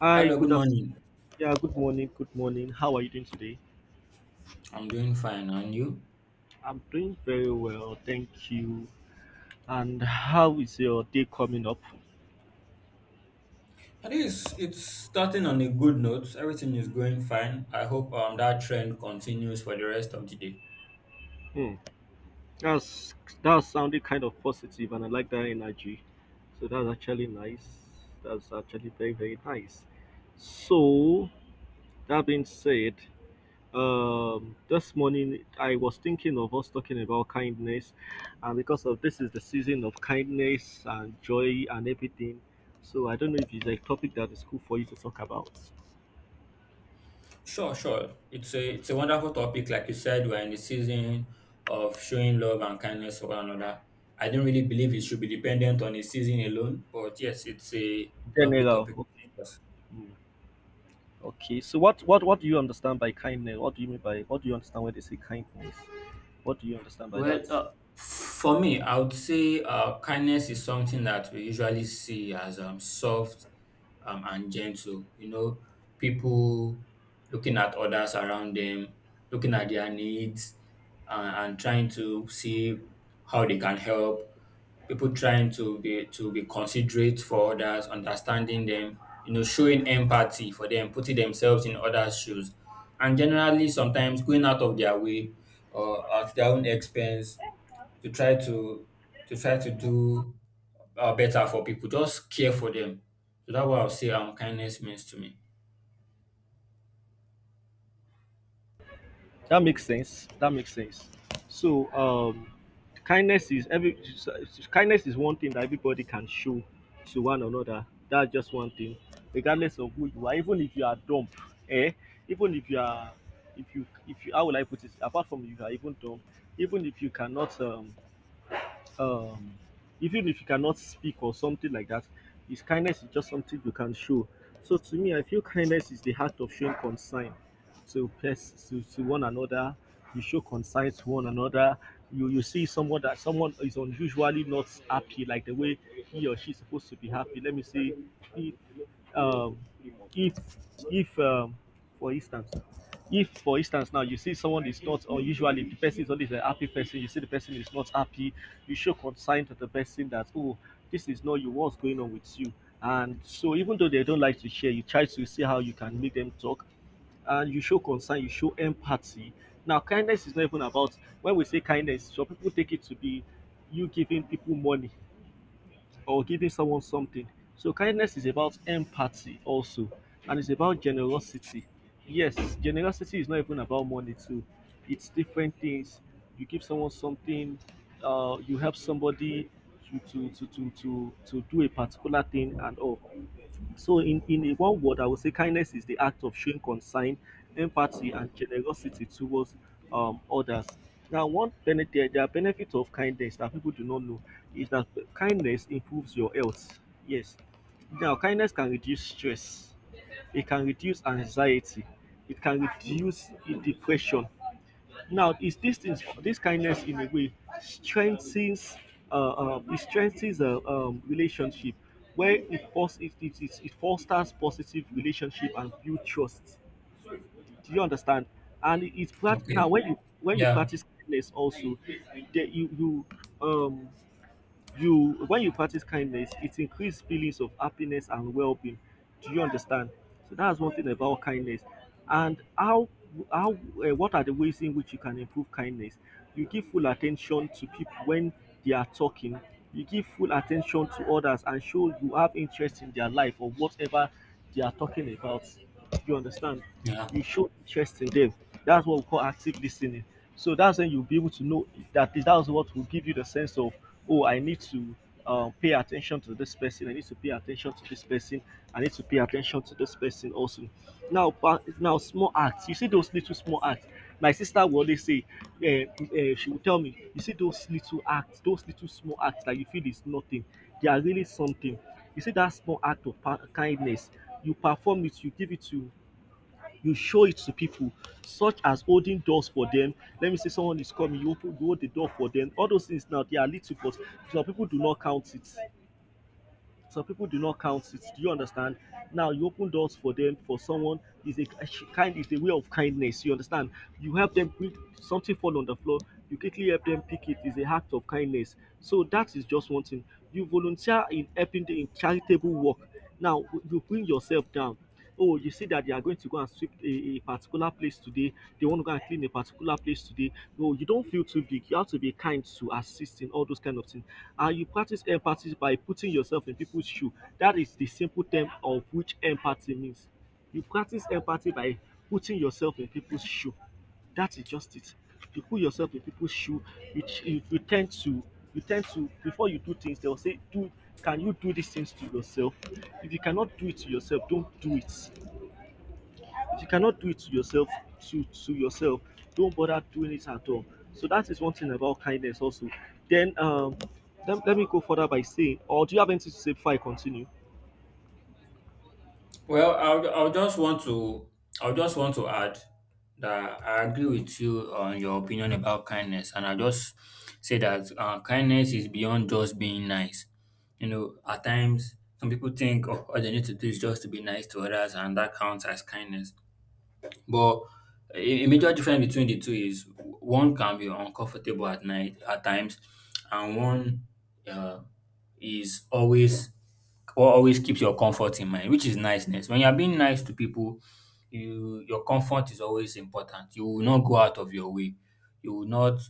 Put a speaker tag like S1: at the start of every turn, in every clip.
S1: Hi,
S2: Hello, good
S1: good afternoon.
S2: morning.
S1: Yeah, good morning. Good morning. How are you doing today?
S2: I'm doing fine, and you?
S1: I'm doing very well, thank you. And how is your day coming up?
S2: I think it's starting on a good note. Everything is going fine. I hope that trend continues for the rest of the day.
S1: Hmm. That's that sounded kind of positive, and I like that energy. So that's actually nice. That's actually very very nice. So that being said, this morning I was thinking of us talking about kindness, and because of this is the season of kindness and joy and everything, so I don't know if it's a topic that is cool for you to talk about.
S2: Sure, sure. It's a wonderful topic. Like you said, we're in the season of showing love and kindness for one another. I don't really believe it should be dependent on a season alone, but yes, it's a lovely
S1: General,
S2: topic.
S1: okay. Mm, okay. So what do you understand by kindness? What do you understand when they say kindness? What do you understand by
S2: Well,
S1: that?
S2: uh, for me, I would say kindness is something that we usually see as soft and gentle. You know, people looking at others around them, looking at their needs, and trying to see how they can help people trying to be considerate for others, understanding them, you know, showing empathy for them, putting themselves in others' shoes, and generally sometimes going out of their way or at their own expense to try to to try to do better for people. Just care for them. So that's what I'll say kindness means to me.
S1: That makes sense. That makes sense. So, kindness is kindness is one thing that everybody can show to one another. That's just one thing, regardless of who you are. Even if you are dumb, eh? Even if you are, if you, how will I put it? Apart from you are even dumb, even if you cannot um even if you cannot speak or something like that. His kindness is just something you can show. So to me, I feel kindness is the heart of showing concern to one another. You show concern to one another. You see someone that someone is unusually not happy, like the way he or she is supposed to be happy. Let me say, if um if if um for instance if for instance now you see someone is not, or usually the person is always a happy person, you see the person is not happy. You show concern to the person that, oh, this is not you, what's going on with you? And so even though they don't like to share, you try to see how you can make them talk, and you show concern, you show empathy. Now, kindness is not even about, when we say kindness, some people take it to be you giving people money or giving someone something. So kindness is about empathy also, and it's about generosity. Yes, generosity is not even about money too. It's different things. You give someone something, you help somebody to do a particular thing and all. So in one word, I would say kindness is the act of showing concern, empathy, and generosity towards others. Now, one benefit, there are benefits of kindness that people do not know, is that kindness improves your health. Yes. Now, kindness can reduce stress. It can reduce anxiety. It can reduce depression. Now, is this kindness in a way strengthens, it strengthens a relationship, where it, fos- it fosters positive relationship and build trust. Do you understand? And it, it's prat- now
S2: Okay.
S1: when you
S2: Yeah.
S1: practice kindness also, that you um you when you practice kindness, it increases feelings of happiness and well-being. Do you understand? So that's one thing about kindness. And how what are the ways in which you can improve kindness? You give full attention to people when they are talking. You give full attention to others and show you have interest in their life or whatever they are talking about. Do you understand?
S2: Yeah.
S1: You show interest in them. That's what we call active listening. So that's when you'll be able to know that that's what will give you the sense of, oh, I need to pay attention to this person. I need to pay attention to this person. I need to pay attention to this person also. Now, small acts. You see those little small acts. My sister will always say, eh, eh, she will tell me, you see those little acts, those little small acts that you feel is nothing. They are really something. You see that small act of kindness. You perform it. You show it to people, such as holding doors for them. Let me say someone is coming, you hold the door for them. All those things now, they are little, but some people do not count it. Some people do not count it. Do you understand? Now you open doors for them. For someone is a way of kindness. You understand? You help them, bring something fall on the floor, you quickly help them pick it. Is a act of kindness. So that is just one thing. You volunteer in helping, the in charitable work. Now you bring yourself down, oh, you see that they are going to go and sweep a particular place today. They want to go and clean a particular place today. No, you don't feel too big. You have to be kind to assist in all those kind of things. And you practice empathy by putting yourself in people's shoe. That is the simple term of which empathy means. You practice empathy by putting yourself in people's shoe. That is just it. You put yourself in people's shoe, which you tend to, before you do things, they will say, Do can you do these things to yourself? If you cannot do it to yourself, don't do it. If you cannot do it to yourself, to yourself, don't bother doing it at all. So that is one thing about kindness also. Then, let me go further by saying, or do you have anything to say before I continue?
S2: Well, I'll just want to I'll just want to add that I agree with you on your opinion about kindness, and I just say that kindness is beyond just being nice. You know, at times some people think oh, all they need to do is just to be nice to others, and that counts as kindness. But a major difference between the two is one can be uncomfortable at night at times, and one uh, is always or always keeps your comfort in mind, which is niceness. When you're being nice to people, you your comfort is always important. You will not go out of your way. You will not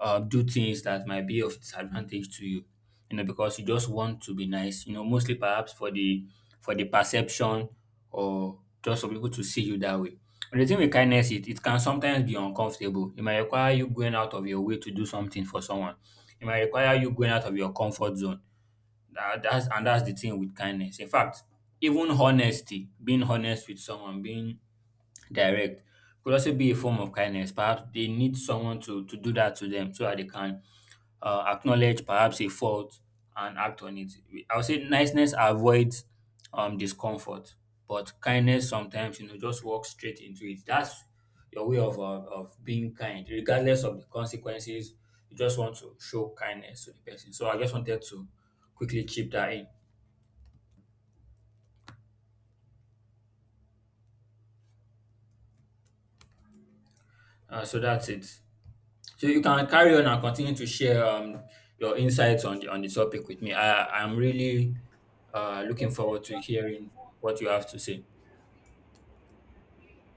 S2: do things that might be of disadvantage to you, you know, because you just want to be nice, you know, mostly perhaps for the perception or just for people to see you that way. But the thing with kindness, it can sometimes be uncomfortable. It might require you going out of your way to do something for someone. It might require you going out of your comfort zone. That's and that's the thing with kindness. In fact, even honesty, being honest with someone, being direct, could also be a form of kindness. Perhaps they need someone to do that to them so that they can acknowledge perhaps a fault and act on it. I would say niceness avoids discomfort, but kindness sometimes you know just walk straight into it. That's your way of being kind, regardless of the consequences. You just want to show kindness to the person. So I just wanted to quickly chip that in. So that's it. So you can carry on and continue to share your insights on the topic with me. I'm really looking forward to hearing what you have to say.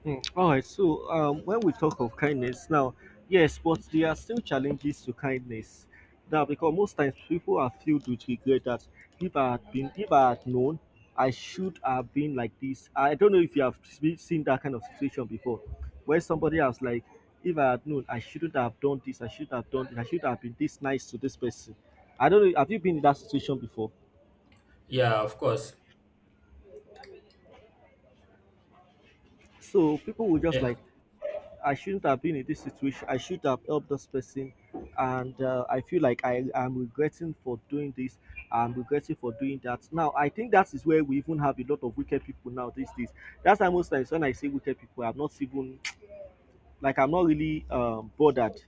S1: Mm. All right. So when we talk of kindness now, yes, but there are still challenges to kindness. Now, because most times people are filled with regret that, if I had known, I should have been like this. I don't know if you have seen that kind of situation before, where somebody else like, if I had known, I shouldn't have done this. I should have done. This, I should have been this nice to this person. I don't know. Have you been in that situation before?
S2: Yeah, of course.
S1: So people will just
S2: Yeah.
S1: like, I shouldn't have been in this situation. I should have helped this person, and I feel like I am regretting for doing this. I'm regretting for doing that. Now, I think that is where we even have a lot of wicked people now these days. That's why most times when I say wicked people, I'm not really bothered.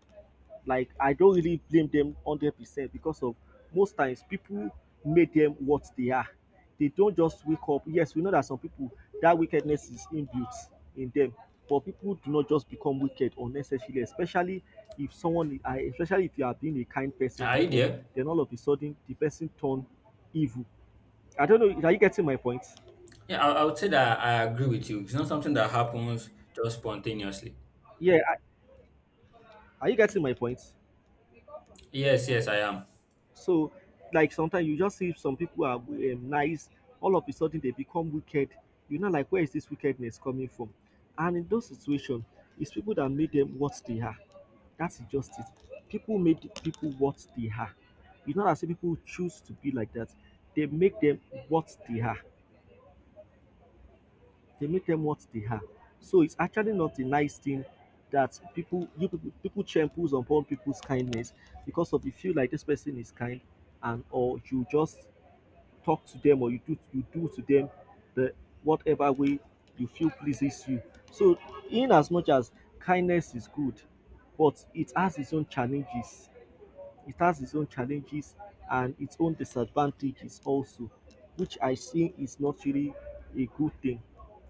S1: Like I don't really blame them 100%, because of, most times people make them what they are. They don't just wake up. Yes, we know that some people, that wickedness is inbuilt in them, but people do not just become wicked unnecessarily, especially if someone, I- especially if you have been a kind person
S2: Are you
S1: before,
S2: there?
S1: then all of a sudden the person turn evil. I don't know. Are you getting my point?
S2: Yeah, I would say that I agree with you. It's not something that happens just spontaneously.
S1: Yeah. Are you getting my point?
S2: Yes, yes, I am.
S1: So, like sometimes you just see some people are nice, all of a sudden they become wicked. You know, like, where is this wickedness coming from? And in those situations, it's people that made them what they are. That's injustice. People made people what they are. You know, that say people choose to be like that. They make them what they are. They make them what they are. So it's actually not a nice thing that people champles upon people's kindness, because of, you feel like this person is kind, and, or you just talk to them, or you do to them the whatever way you feel pleases you. So in as much as kindness is good, but it has its own challenges. It has its own challenges and its own disadvantages also, which I see is not really a good thing.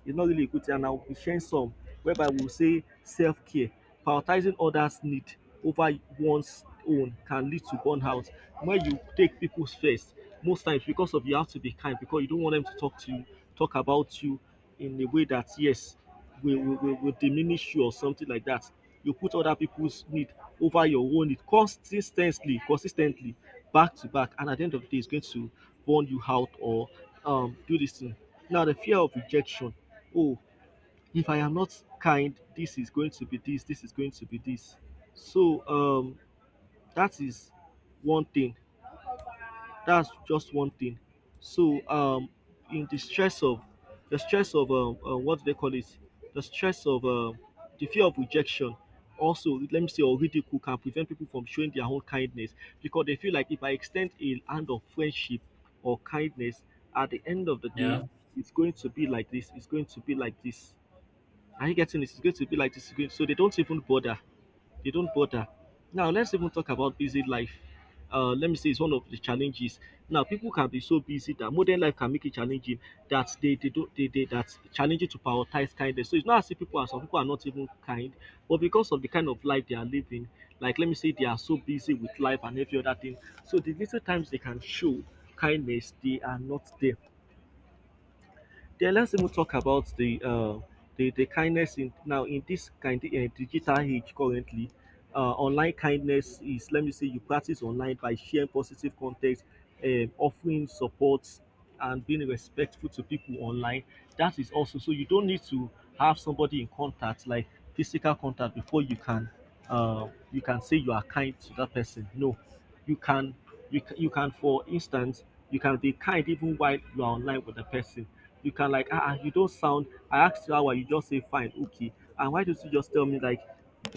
S1: It's not really a good thing, and I'll be sharing some, whereby we'll say self care, prioritizing others' need over one's own can lead to burnout. When you take people's first, most times because of, you have to be kind because you don't want them to talk to you, talk about you in a way that, yes, will diminish you or something like that. You put other people's need over your own need consistently, consistently, back to back, and at the end of the day, it's going to burn you out or, do this thing. Now, the fear of rejection. Oh, if I am not kind, this is going to be this, this is going to be this. So, that is one thing. That's just one thing. So in the stress of, what do they call it, the stress of, the fear of rejection. Also, let me say, or ridicule can prevent people from showing their own kindness because they feel like if I extend a hand of friendship or kindness, at the end of the day,
S2: Yeah.
S1: it's going to be like this. It's going to be like this. Are you getting this? It's going to be like this. So they don't even bother, they don't bother. Now let's even talk about busy life. Let me say it's one of the challenges. Now people can be so busy that modern life can make it challenging that they don't they that's challenging to prioritize kindness. So it's not as if people are some people are not even kind, but because of the kind of life they are living, like let me say they are so busy with life and every other thing. So the little times they can show kindness, they are not there. Yeah, let's even talk about the the kindness in now in this kind digital age currently. Online kindness is, let me say, you practice online by sharing positive content, offering support, and being respectful to people online. That is also, so you don't need to have somebody in contact like physical contact before you can say you are kind to that person. No, you can you can, you can, for instance, you can be kind even while you are online with the person. You can like, ah ah, you don't sound. I asked you how are you, just say fine, okay, and why don't you just tell me like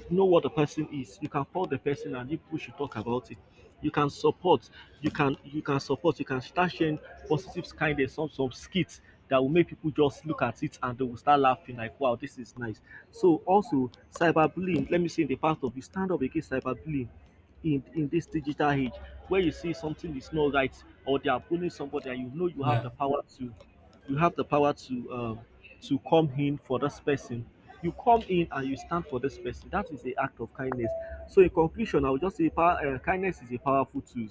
S1: you know what the person is. You can call the person and you push you talk about it. You can support, you can support, you can start sharing positive kind of some skits that will make people just look at it and they will start laughing like wow, this is nice. So also cyberbullying, let me say, in the part of you stand up against cyberbullying in this digital age, where you see something is not right or they are bullying somebody and you know you have
S2: Yeah.
S1: the power to, you have the power to come in for this person, you come in and you stand for this person. That is the act of kindness. So in conclusion, I would just say power kindness is a powerful tool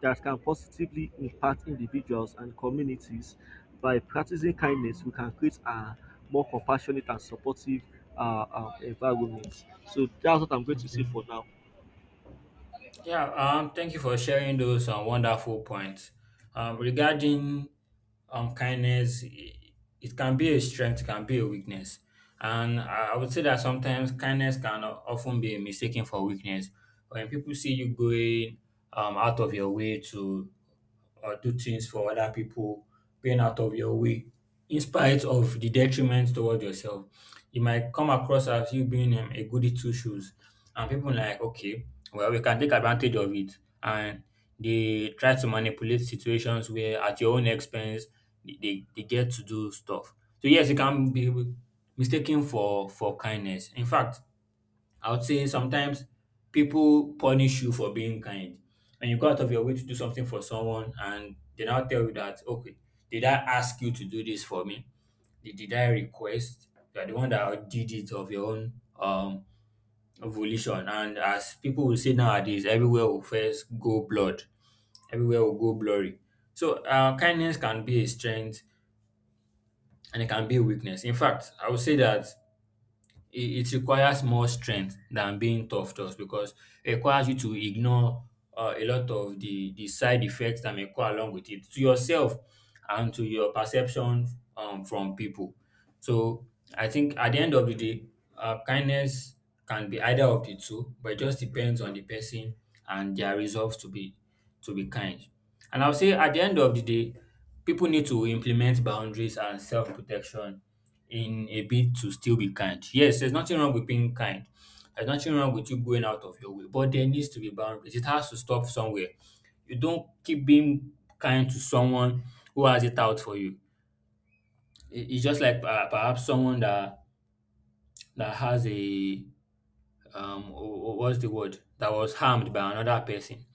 S1: that can positively impact individuals and communities. By practicing kindness we can create a more compassionate and supportive environment. So that's what I'm going to say
S2: Okay.
S1: for now.
S2: Yeah, thank you for sharing those wonderful points. Regarding kindness, it can be a strength, it can be a weakness. And I would say that sometimes kindness can often be mistaken for weakness. When people see you going out of your way to or do things for other people, being out of your way, in spite of the detriment towards yourself you might come across as you being a goody two shoes. And people like, okay, well, we can take advantage of it. And they try to manipulate situations where at your own expense they get to do stuff. So yes, it can be mistaken for kindness. In fact, I would say sometimes people punish you for being kind. And you go out of your way to do something for someone and they now tell you that, okay, did I ask you to do this for me? Did I request? You are the one that did it of your own um volition. And as people will say nowadays, everywhere will first go blood, everywhere will go blurry. So kindness can be a strength and it can be a weakness. In fact, I would say that it requires more strength than being tough just because it requires you to ignore a lot of the side effects that may go along with it to yourself and to your perception from people. So I think at the end of the day kindness can be either of the two, but it just depends on the person and their resolve to be kind. And I'll say at the end of the day people need to implement boundaries and self-protection in a bid to still be kind. Yes, there's nothing wrong with being kind. There's nothing wrong with you going out of your way, but there needs to be boundaries. It has to stop somewhere. You don't keep being kind to someone who has it out for you. It's just like perhaps someone that that has a um wh- what's the word that was harmed by another person,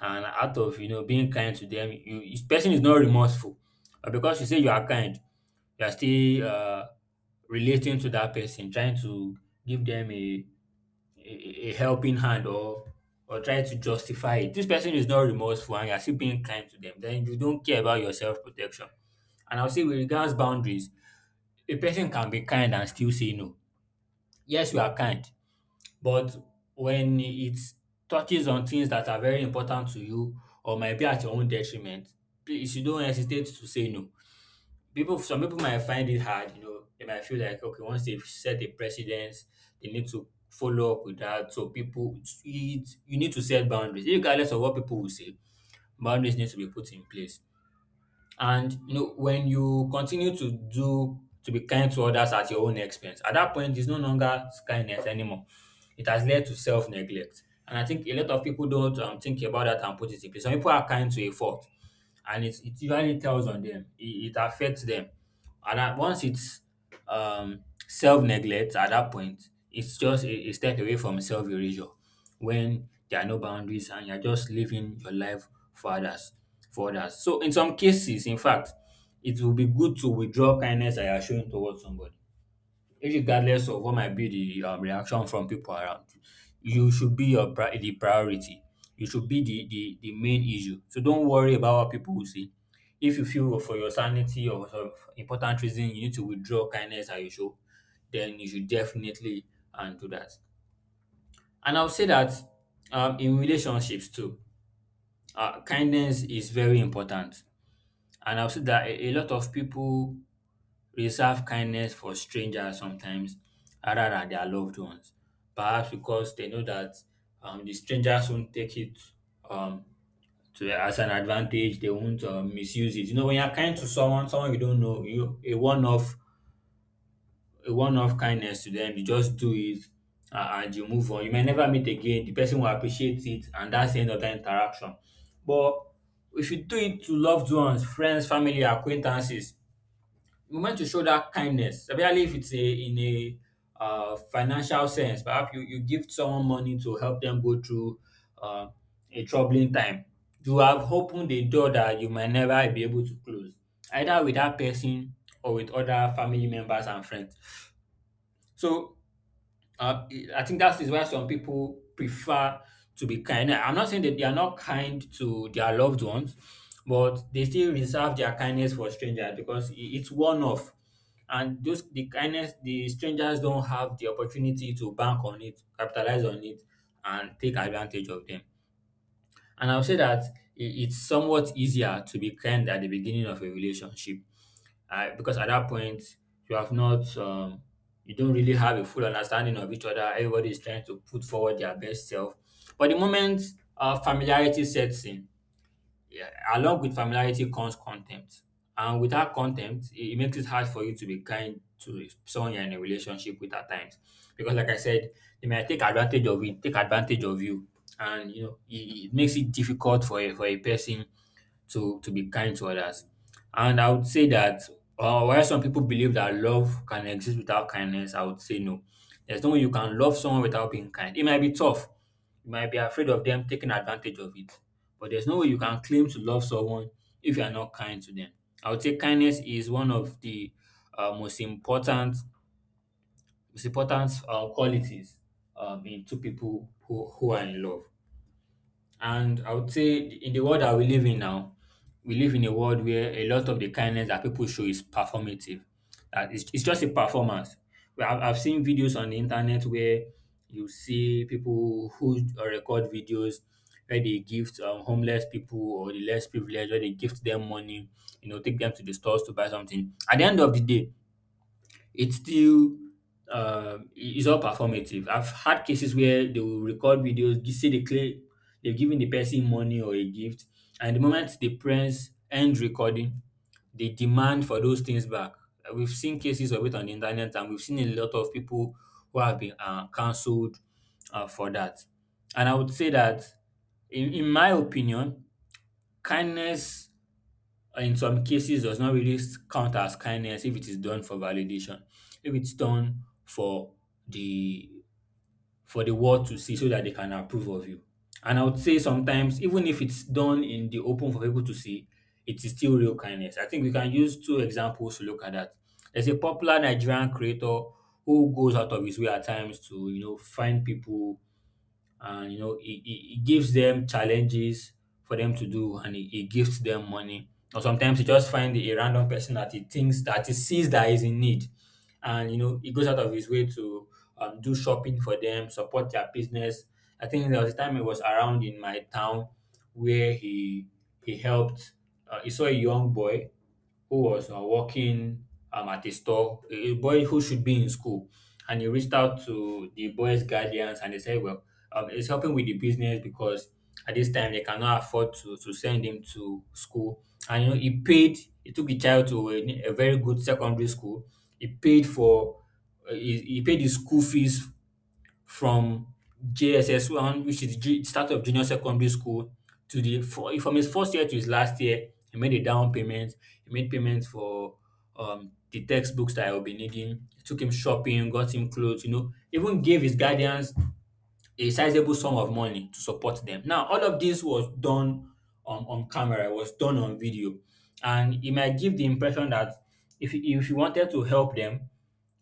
S2: and out of you know being kind to them, you this person is not remorseful, but because you say you are kind, you are still relating to that person, trying to give them a a helping hand or try to justify it. This person is not remorseful and you're still being kind to them. Then you don't care about your self-protection. And I'll say with regards boundaries, a person can be kind and still say no. Yes, you are kind, but when it touches on things that are very important to you or might be at your own detriment, please you don't hesitate to say no. People, some people might find it hard, you know, they might feel like okay once they've set a precedent they need to follow up with that. So people, it, you need to set boundaries regardless of what people will say. Boundaries need to be put in place, and you know when you continue to do to be kind to others at your own expense at that point it's no longer kindness anymore. It has led to self-neglect, and I think a lot of people don't think about that and put it in place. Some people are kind to a fault, and it usually tells on them. It affects them. And at once it's self-neglect at that point, it's just a step away from self-erasure when there are no boundaries and you're just living your life for others, for others. So in some cases, in fact, it will be good to withdraw kindness that you're showing towards somebody regardless of what might be the reaction from people around, you should be your the priority. You should be the main issue. So don't worry about what people will say. If you feel for your sanity or for important reason you need to withdraw kindness as you should, then you should definitely do that. And I'll say that in relationships too, kindness is very important. And I'll say that a lot of people reserve kindness for strangers sometimes rather than their loved ones. Perhaps because they know that the strangers won't take it um, to as an advantage. They won't misuse it. You know, when you're kind to someone, someone you don't know, you a one-off kindness to them. You just do it and you move on. You may never meet again. The person will appreciate it, and that's the end of that interaction. But if you do it to loved ones, friends, family, acquaintances, you meant to show that kindness, especially if it's a in a financial sense. Perhaps you give someone money to help them go through uh, a troubling time. You have opened a door that you might never be able to close, either with that person or with other family members and friends. So uh, I think that is why some people prefer to be kind. I'm not saying that they are not kind to their loved ones, but they still reserve their kindness for strangers because it's one off. And those the kindness the strangers don't have the opportunity to bank on it, capitalize on it, and take advantage of them. And I'll say that it's somewhat easier to be kind at the beginning of a relationship because at that point you have not you don't really have a full understanding of each other. Everybody is trying to put forward their best self, but the moment familiarity sets in, yeah, along with familiarity comes contempt. And without contempt, it makes it hard for you to be kind to someone you're in a relationship with at times, because like I said, they might take advantage of it, take advantage of you. And you know it makes it difficult for a person to be kind to others. And I would say that while some people believe that love can exist without kindness, I would say no. There's no way you can love someone without being kind. It might be tough. You might be afraid of them taking advantage of it. But there's no way you can claim to love someone if you are not kind to them. I would say kindness is one of the uh, most important most important qualities in two people who are in love. And I would say in the world that we live in now, we live in a world where a lot of the kindness that people show is performative. That it's just a performance. Well, I've seen videos on the internet where you see people who record videos where they gift homeless people or the less privileged, where they gift them money, you know, take them to the stores to buy something. At the end of the day, it's still it's all performative. I've had cases where they will record videos, just say they claim they've given the person money or a gift, and the moment the parents end recording, they demand for those things back. We've seen cases of it on the internet, and we've seen a lot of people who have been cancelled for that. And I would say that, in my opinion, kindness in some cases does not really count as kindness if it is done for validation, if it's done the for the world to see so that they can approve of you. And I would say sometimes even if it's done in the open for people to see, it is still real kindness. I think we can use two examples to look at that. There's a popular Nigerian creator who goes out of his way at times to, you know, find people, and you know it gives them challenges for them to do, and it gives them money. Or sometimes you just find a random person that he thinks that he sees that is in need, and you know, he goes out of his way to do shopping for them, support their business. I think there was a time he was around in my town where he helped he saw a young boy who was working at a store, a boy who should be in school. And he reached out to the boy's guardians, and they said, well, he's helping with the business because at this time they cannot afford to send him to school. And you know, he paid, he took the child to a very good secondary school. He paid for, he paid his school fees from JSS1, which is start of junior secondary school, to the for from his first year to his last year. He made a down payment. He made payments for the textbooks that I will be needing. He took him shopping, got him clothes. You know, even gave his guardians a sizable sum of money to support them. Now, all of this was done on camera, was done on video, and it might give the impression that if he wanted to help them,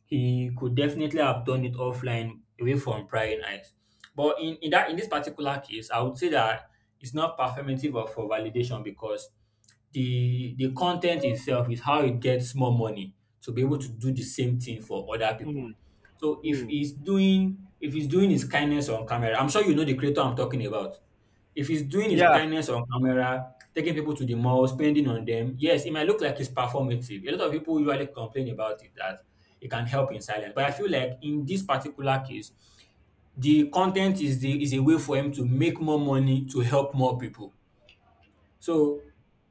S2: he could definitely have done it offline away from prying eyes. But in this particular case, I would say that it's not performative or for validation, because the content itself is how it gets more money to be able to do the same thing for other people.
S1: mm,
S2: So
S1: mm,
S2: if he's doing his kindness on camera, I'm sure you know the creator I'm talking about. If he's doing his
S1: yeah.
S2: kindness on camera, taking people to the mall, spending on them, yes, it might look like it's performative. A lot of people usually complain about it that it can help in silence. But I feel like in this particular case, the content is the is a way for him to make more money to help more people. So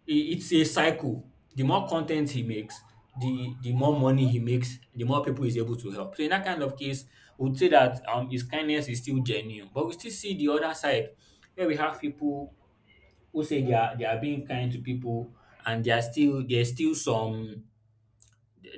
S2: it's a cycle. The more content he makes, the more money he makes, the more people he's able to help. So in that kind of case, we would say that his kindness is still genuine. But we still see the other side where we have people who say they are being kind to people, and they are still there's still some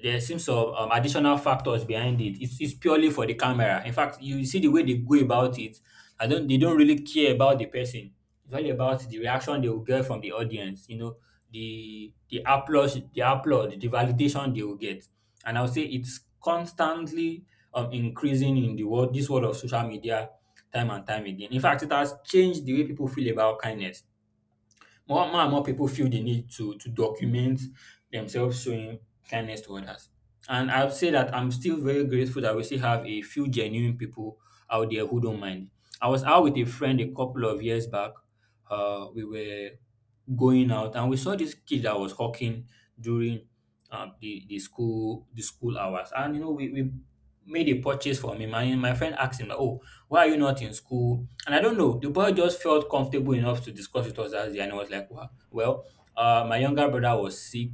S2: there seems some additional factors behind it. It's purely for the camera. In fact, you see the way they go about it. I don't. They don't really care about the person. It's all about the reaction they will get from the audience. You know, the applause, the applaud, the validation they will get. And I'll say it's constantly increasing in the world. This world of social media, time and time again. In fact, it has changed the way people feel about kindness. More, more and more people feel the need to document themselves showing kindness to others. And I'd say that I'm still very grateful that we still have a few genuine people out there who don't mind. I was out with a friend a couple of years back. We were going out, and we saw this kid that was hawking during the school the school hours. And you know we made a purchase for him, and my friend asked him like, oh, why are you not in school? And I don't know, the boy just felt comfortable enough to discuss with us that day, and he was like, wow, well, my younger brother was sick,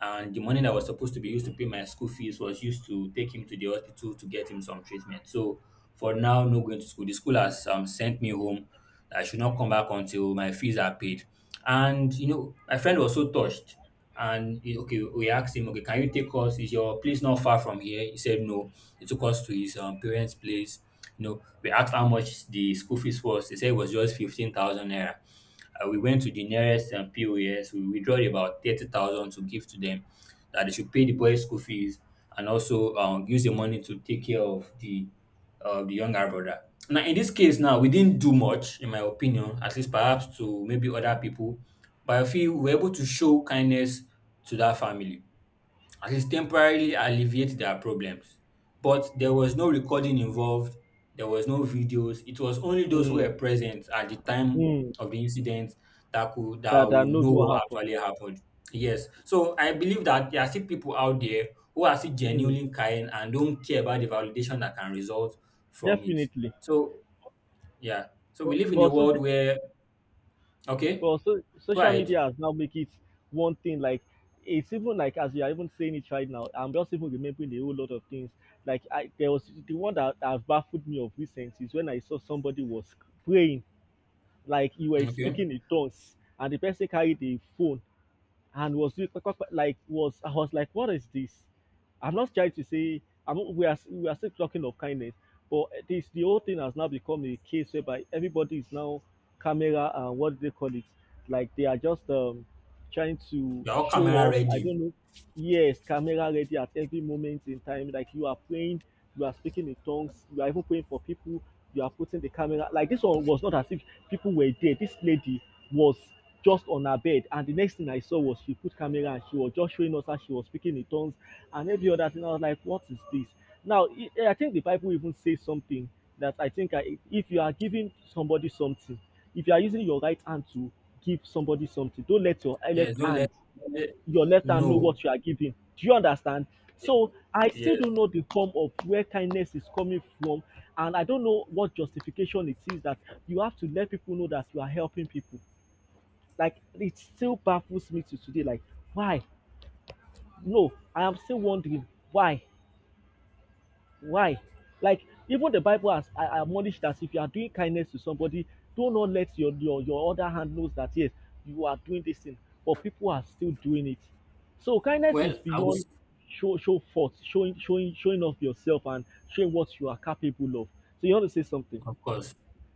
S2: and the money that was supposed to be used to pay my school fees was used to take him to the hospital to get him some treatment. So for now no going to school, the school has sent me home. I should not come back until my fees are paid. And you know, my friend was so touched. Okay, we asked him, okay, can you take us? Is your place not far from here? He said no. He took us to his parents' place. You know, we asked how much the school fees was. He said it was just 15,000 naira. We went to the nearest POS. We withdrew about 30,000 to give to them that they should pay the boys' school fees and also use the money to take care of the younger brother. Now, in this case, now we didn't do much, in my opinion, at least perhaps to maybe other people, but I feel we we're able to show kindness to that family, at least temporarily alleviate their problems. But there was no recording involved, there was no videos. It was only those who
S1: mm,
S2: were present at the time
S1: mm,
S2: of the incident that could that
S1: that, that
S2: will
S1: knows
S2: know
S1: what
S2: what
S1: happened.
S2: actually happened. Yes. So I believe that there are still people out there who are still
S1: Mm,
S2: genuinely kind and don't care about the validation that can result from it.
S1: definitely.
S2: So yeah. So we
S1: but,
S2: live
S1: but
S2: in a
S1: also,
S2: world where okay,
S1: well, so
S2: go
S1: social
S2: ahead.
S1: media has now make it one thing. Like, it's even like as you are even saying it right now, I'm just even remembering a whole lot of things. Like, I there was the one that has baffled me of recent is when I saw somebody was praying, like you were
S2: Okay.
S1: speaking in tongues, and the person carried a phone and was doing, like, was, I was like, what is this? I'm not trying to say I'm not— we are, we are still talking of kindness, but this, the whole thing has now become a case whereby everybody is now camera and what do they call it? Like they are just trying to
S2: You're all
S1: show
S2: camera
S1: off. I
S2: ready.
S1: don't know. Yes, camera ready at every moment in time. Like you are praying, you are speaking in tongues, you are even praying for people, you are putting the camera. Like this one was not as if people were there. This lady was just on her bed and the next thing I saw was she put camera and she was just showing us how she was speaking in tongues and every other thing. I was like, what is this? Now, I I think the Bible even says something that, I think, if you are giving somebody something, if you are using your right hand to give somebody something, don't let your
S2: Yes,
S1: left
S2: don't let
S1: hand,
S2: let-
S1: your left hand know
S2: no.
S1: what you are giving. Do you understand?
S2: Yeah.
S1: So I still
S2: Yes.
S1: don't know the form of where kindness is coming from, and I don't know what justification it is that you have to let people know that you are helping people. Like it still baffles me till today. Like, why? No, I am still wondering why, why. Like, even the Bible has a- admonished that if you are doing kindness to somebody, do not let your your other hand knows that yes, you are doing this thing, but people are still doing it. So kindness
S2: Well,
S1: is
S2: I would,
S1: beyond show forth, showing showing off yourself and showing what you are capable of. So you want to say something?
S2: of course.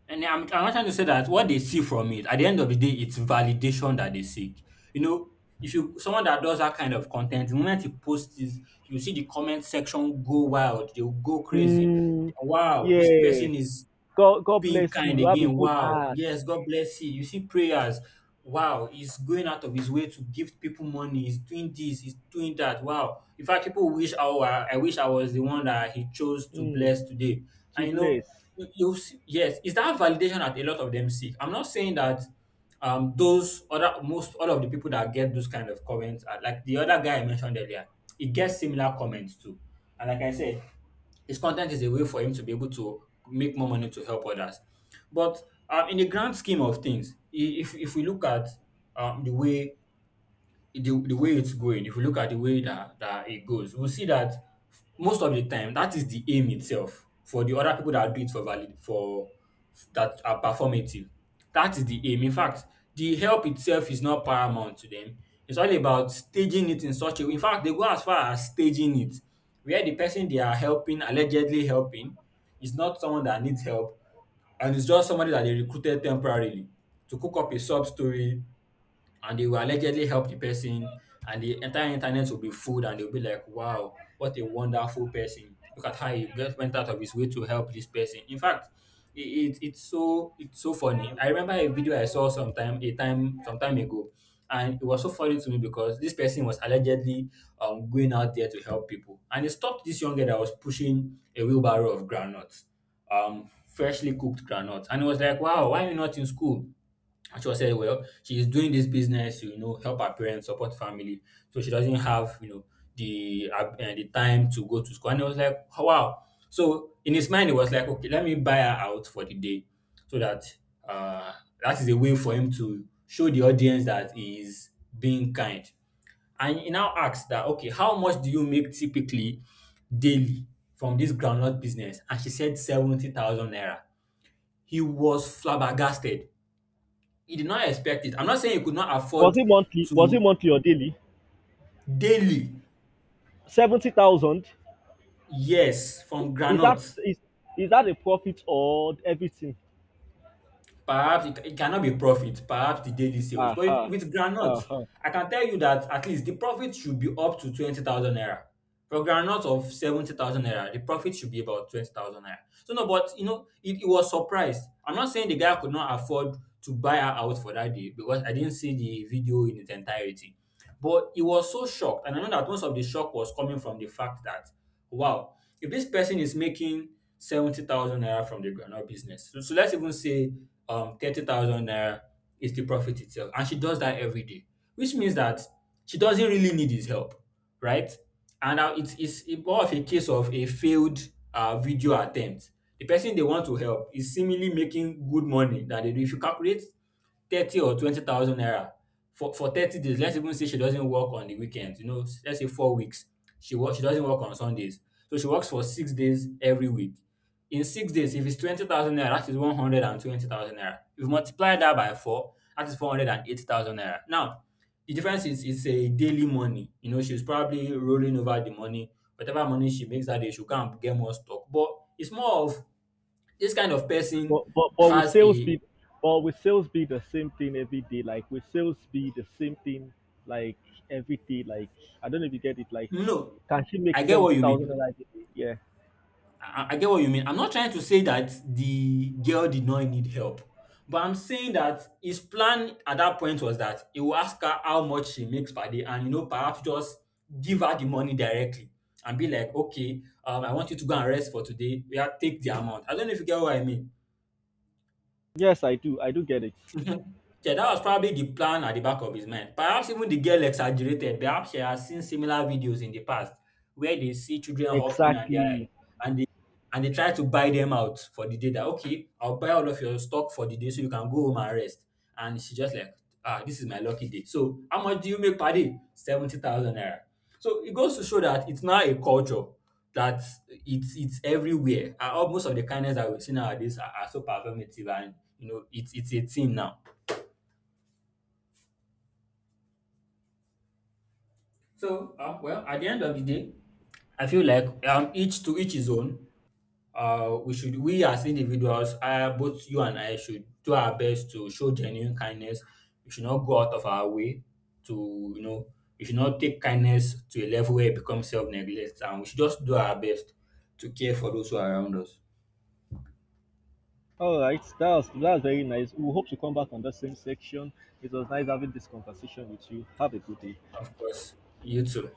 S2: And I'm not trying to say that what they see from it, at the end of the day, it's validation that they seek. You know, if you someone that does that kind of content, the moment you post this, you see the comment section go wild, they'll go crazy.
S1: Mm,
S2: Wow, this
S1: yeah.
S2: person is
S1: God, God
S2: being
S1: bless you.
S2: kind
S1: You have a
S2: again.
S1: good
S2: Wow.
S1: heart.
S2: Yes, God bless you. You see prayers. Wow, he's going out of his way to give people money. He's doing this, he's doing that. Wow. In fact, people wish I wish I was the one that he chose to
S1: Mm.
S2: bless today. And
S1: To
S2: you know,
S1: place.
S2: you see, yes, it's that validation that a lot of them seek? I'm not saying that those other most all of the people that get those kind of comments are like the other guy I mentioned earlier, he gets similar comments too. And like I said, his content is a way for him to be able to make more money to help others. But in the grand scheme of things, if we look at the way the way it's going. If you look at the way that it goes, we'll see that most of the time that is the aim itself for the other people that do it for valid for that are performative. That is the aim. In fact, the help itself is not paramount to them. It's all about staging it in such a way. In fact, they go as far as staging it, where the person they are helping, allegedly helping, is not someone that needs help, and it's just somebody that they recruited temporarily to cook up a sub story, and they will allegedly help the person, and the entire internet will be fooled, and they'll be like, wow, what a wonderful person, look at how he just went out of his way to help this person. In fact, it's so funny. I remember a video I saw some time ago, and it was so funny to me because this person was allegedly going out there to help people, and it stopped this young girl that was pushing a wheelbarrow of groundnuts, freshly cooked groundnuts, and it was like, wow, why are you not in school? And she was said, well, she's doing this business to, you know, help her parents, support family. So she doesn't have, you know, the time to go to school. And I was like, oh, wow. So in his mind, it was like, okay, let me buy her out for the day so that uh, that is a way for him to show the audience that he is being kind. And he now asks that, okay, how much do you make typically daily from this groundnut business? And she said 70,000 naira. He was flabbergasted, he did not expect it. I'm not saying he could not
S1: Was
S2: afford
S1: it monthly? Was it
S2: to
S1: monthly or daily?
S2: daily,
S1: 70,000.
S2: yes, from
S1: Is that,
S2: groundnut.
S1: is is that a profit or everything?
S2: Perhaps it cannot be profit, perhaps the daily sales. But
S1: Uh-huh.
S2: with groundnut,
S1: Uh-huh.
S2: I can tell you that at least the profit should be up to 20,000 naira. For groundnut of 70,000 naira, the profit should be about 20,000 naira. So, no, but you know, it was surprised. I'm not saying the guy could not afford to buy her out for that day because I didn't see the video in its entirety. But he was so shocked, and I know that most of the shock was coming from the fact that, wow, if this person is making 70,000 naira from the groundnut business. So, let's even say 30,000 naira is the profit itself, and she does that every day, which means that she doesn't really need his help, right? And now it's more of a case of a failed video attempt. The person they want to help is seemingly making good money that they do. If you calculate 30 or 20,000 naira for 30 days, let's even say she doesn't work on the weekends, you know, let's say 4 weeks. She work she doesn't work on Sundays, so she works for 6 days every week. In 6 days, if it's 20,000 naira, that is 120,000 naira. If you multiply that by four, that is 480,000 naira. Now the difference is it's a daily money, you know, she's probably rolling over the money. Whatever money she makes that day, she go and get more stock. But it's more of, this kind of person
S1: But with
S2: has
S1: sales
S2: a—
S1: be, but with sales be the same thing every day. Like with sales be the same thing, like every day. Like I don't know if you get it. Like,
S2: No,
S1: can she make
S2: I get what
S1: seventy
S2: you
S1: thousand
S2: mean.
S1: a day? Yeah.
S2: I get what you mean. I'm not trying to say that the girl did not need help, but I'm saying that his plan at that point was that he will ask her how much she makes per day, and you know, perhaps just give her the money directly, and be like, okay, I want you to go and rest for today. Yeah, take the amount. I don't know if you get what I mean.
S1: Yes, I do. I do get it.
S2: Mhm. Yeah, that was probably the plan at the back of his mind. Perhaps even the girl exaggerated. Perhaps she has seen similar videos in the past where they see children hawking, and they are,
S1: Exactly.
S2: and they and they try to buy them out for the day that, okay, I'll buy all of your stock for the day so you can go home and rest. And she's just like, ah, this is my lucky day. So how much do you make per day? 70,000 naira. So it goes to show that it's now a culture that it's everywhere. And most of the kindness that we see nowadays are so performative, and you know it's a thing now. So well, at the end of the day, I feel like each to each his own. We as individuals, both you and I, should do our best to show genuine kindness. We should not go out of our way to, you know, we should not take kindness to a level where it becomes self neglect, and we should just do our best to care for those who are around us.
S1: All right, that's very nice. We hope to come back on that same section. It was nice having this conversation with you. Have a good day.
S2: Of course. You too.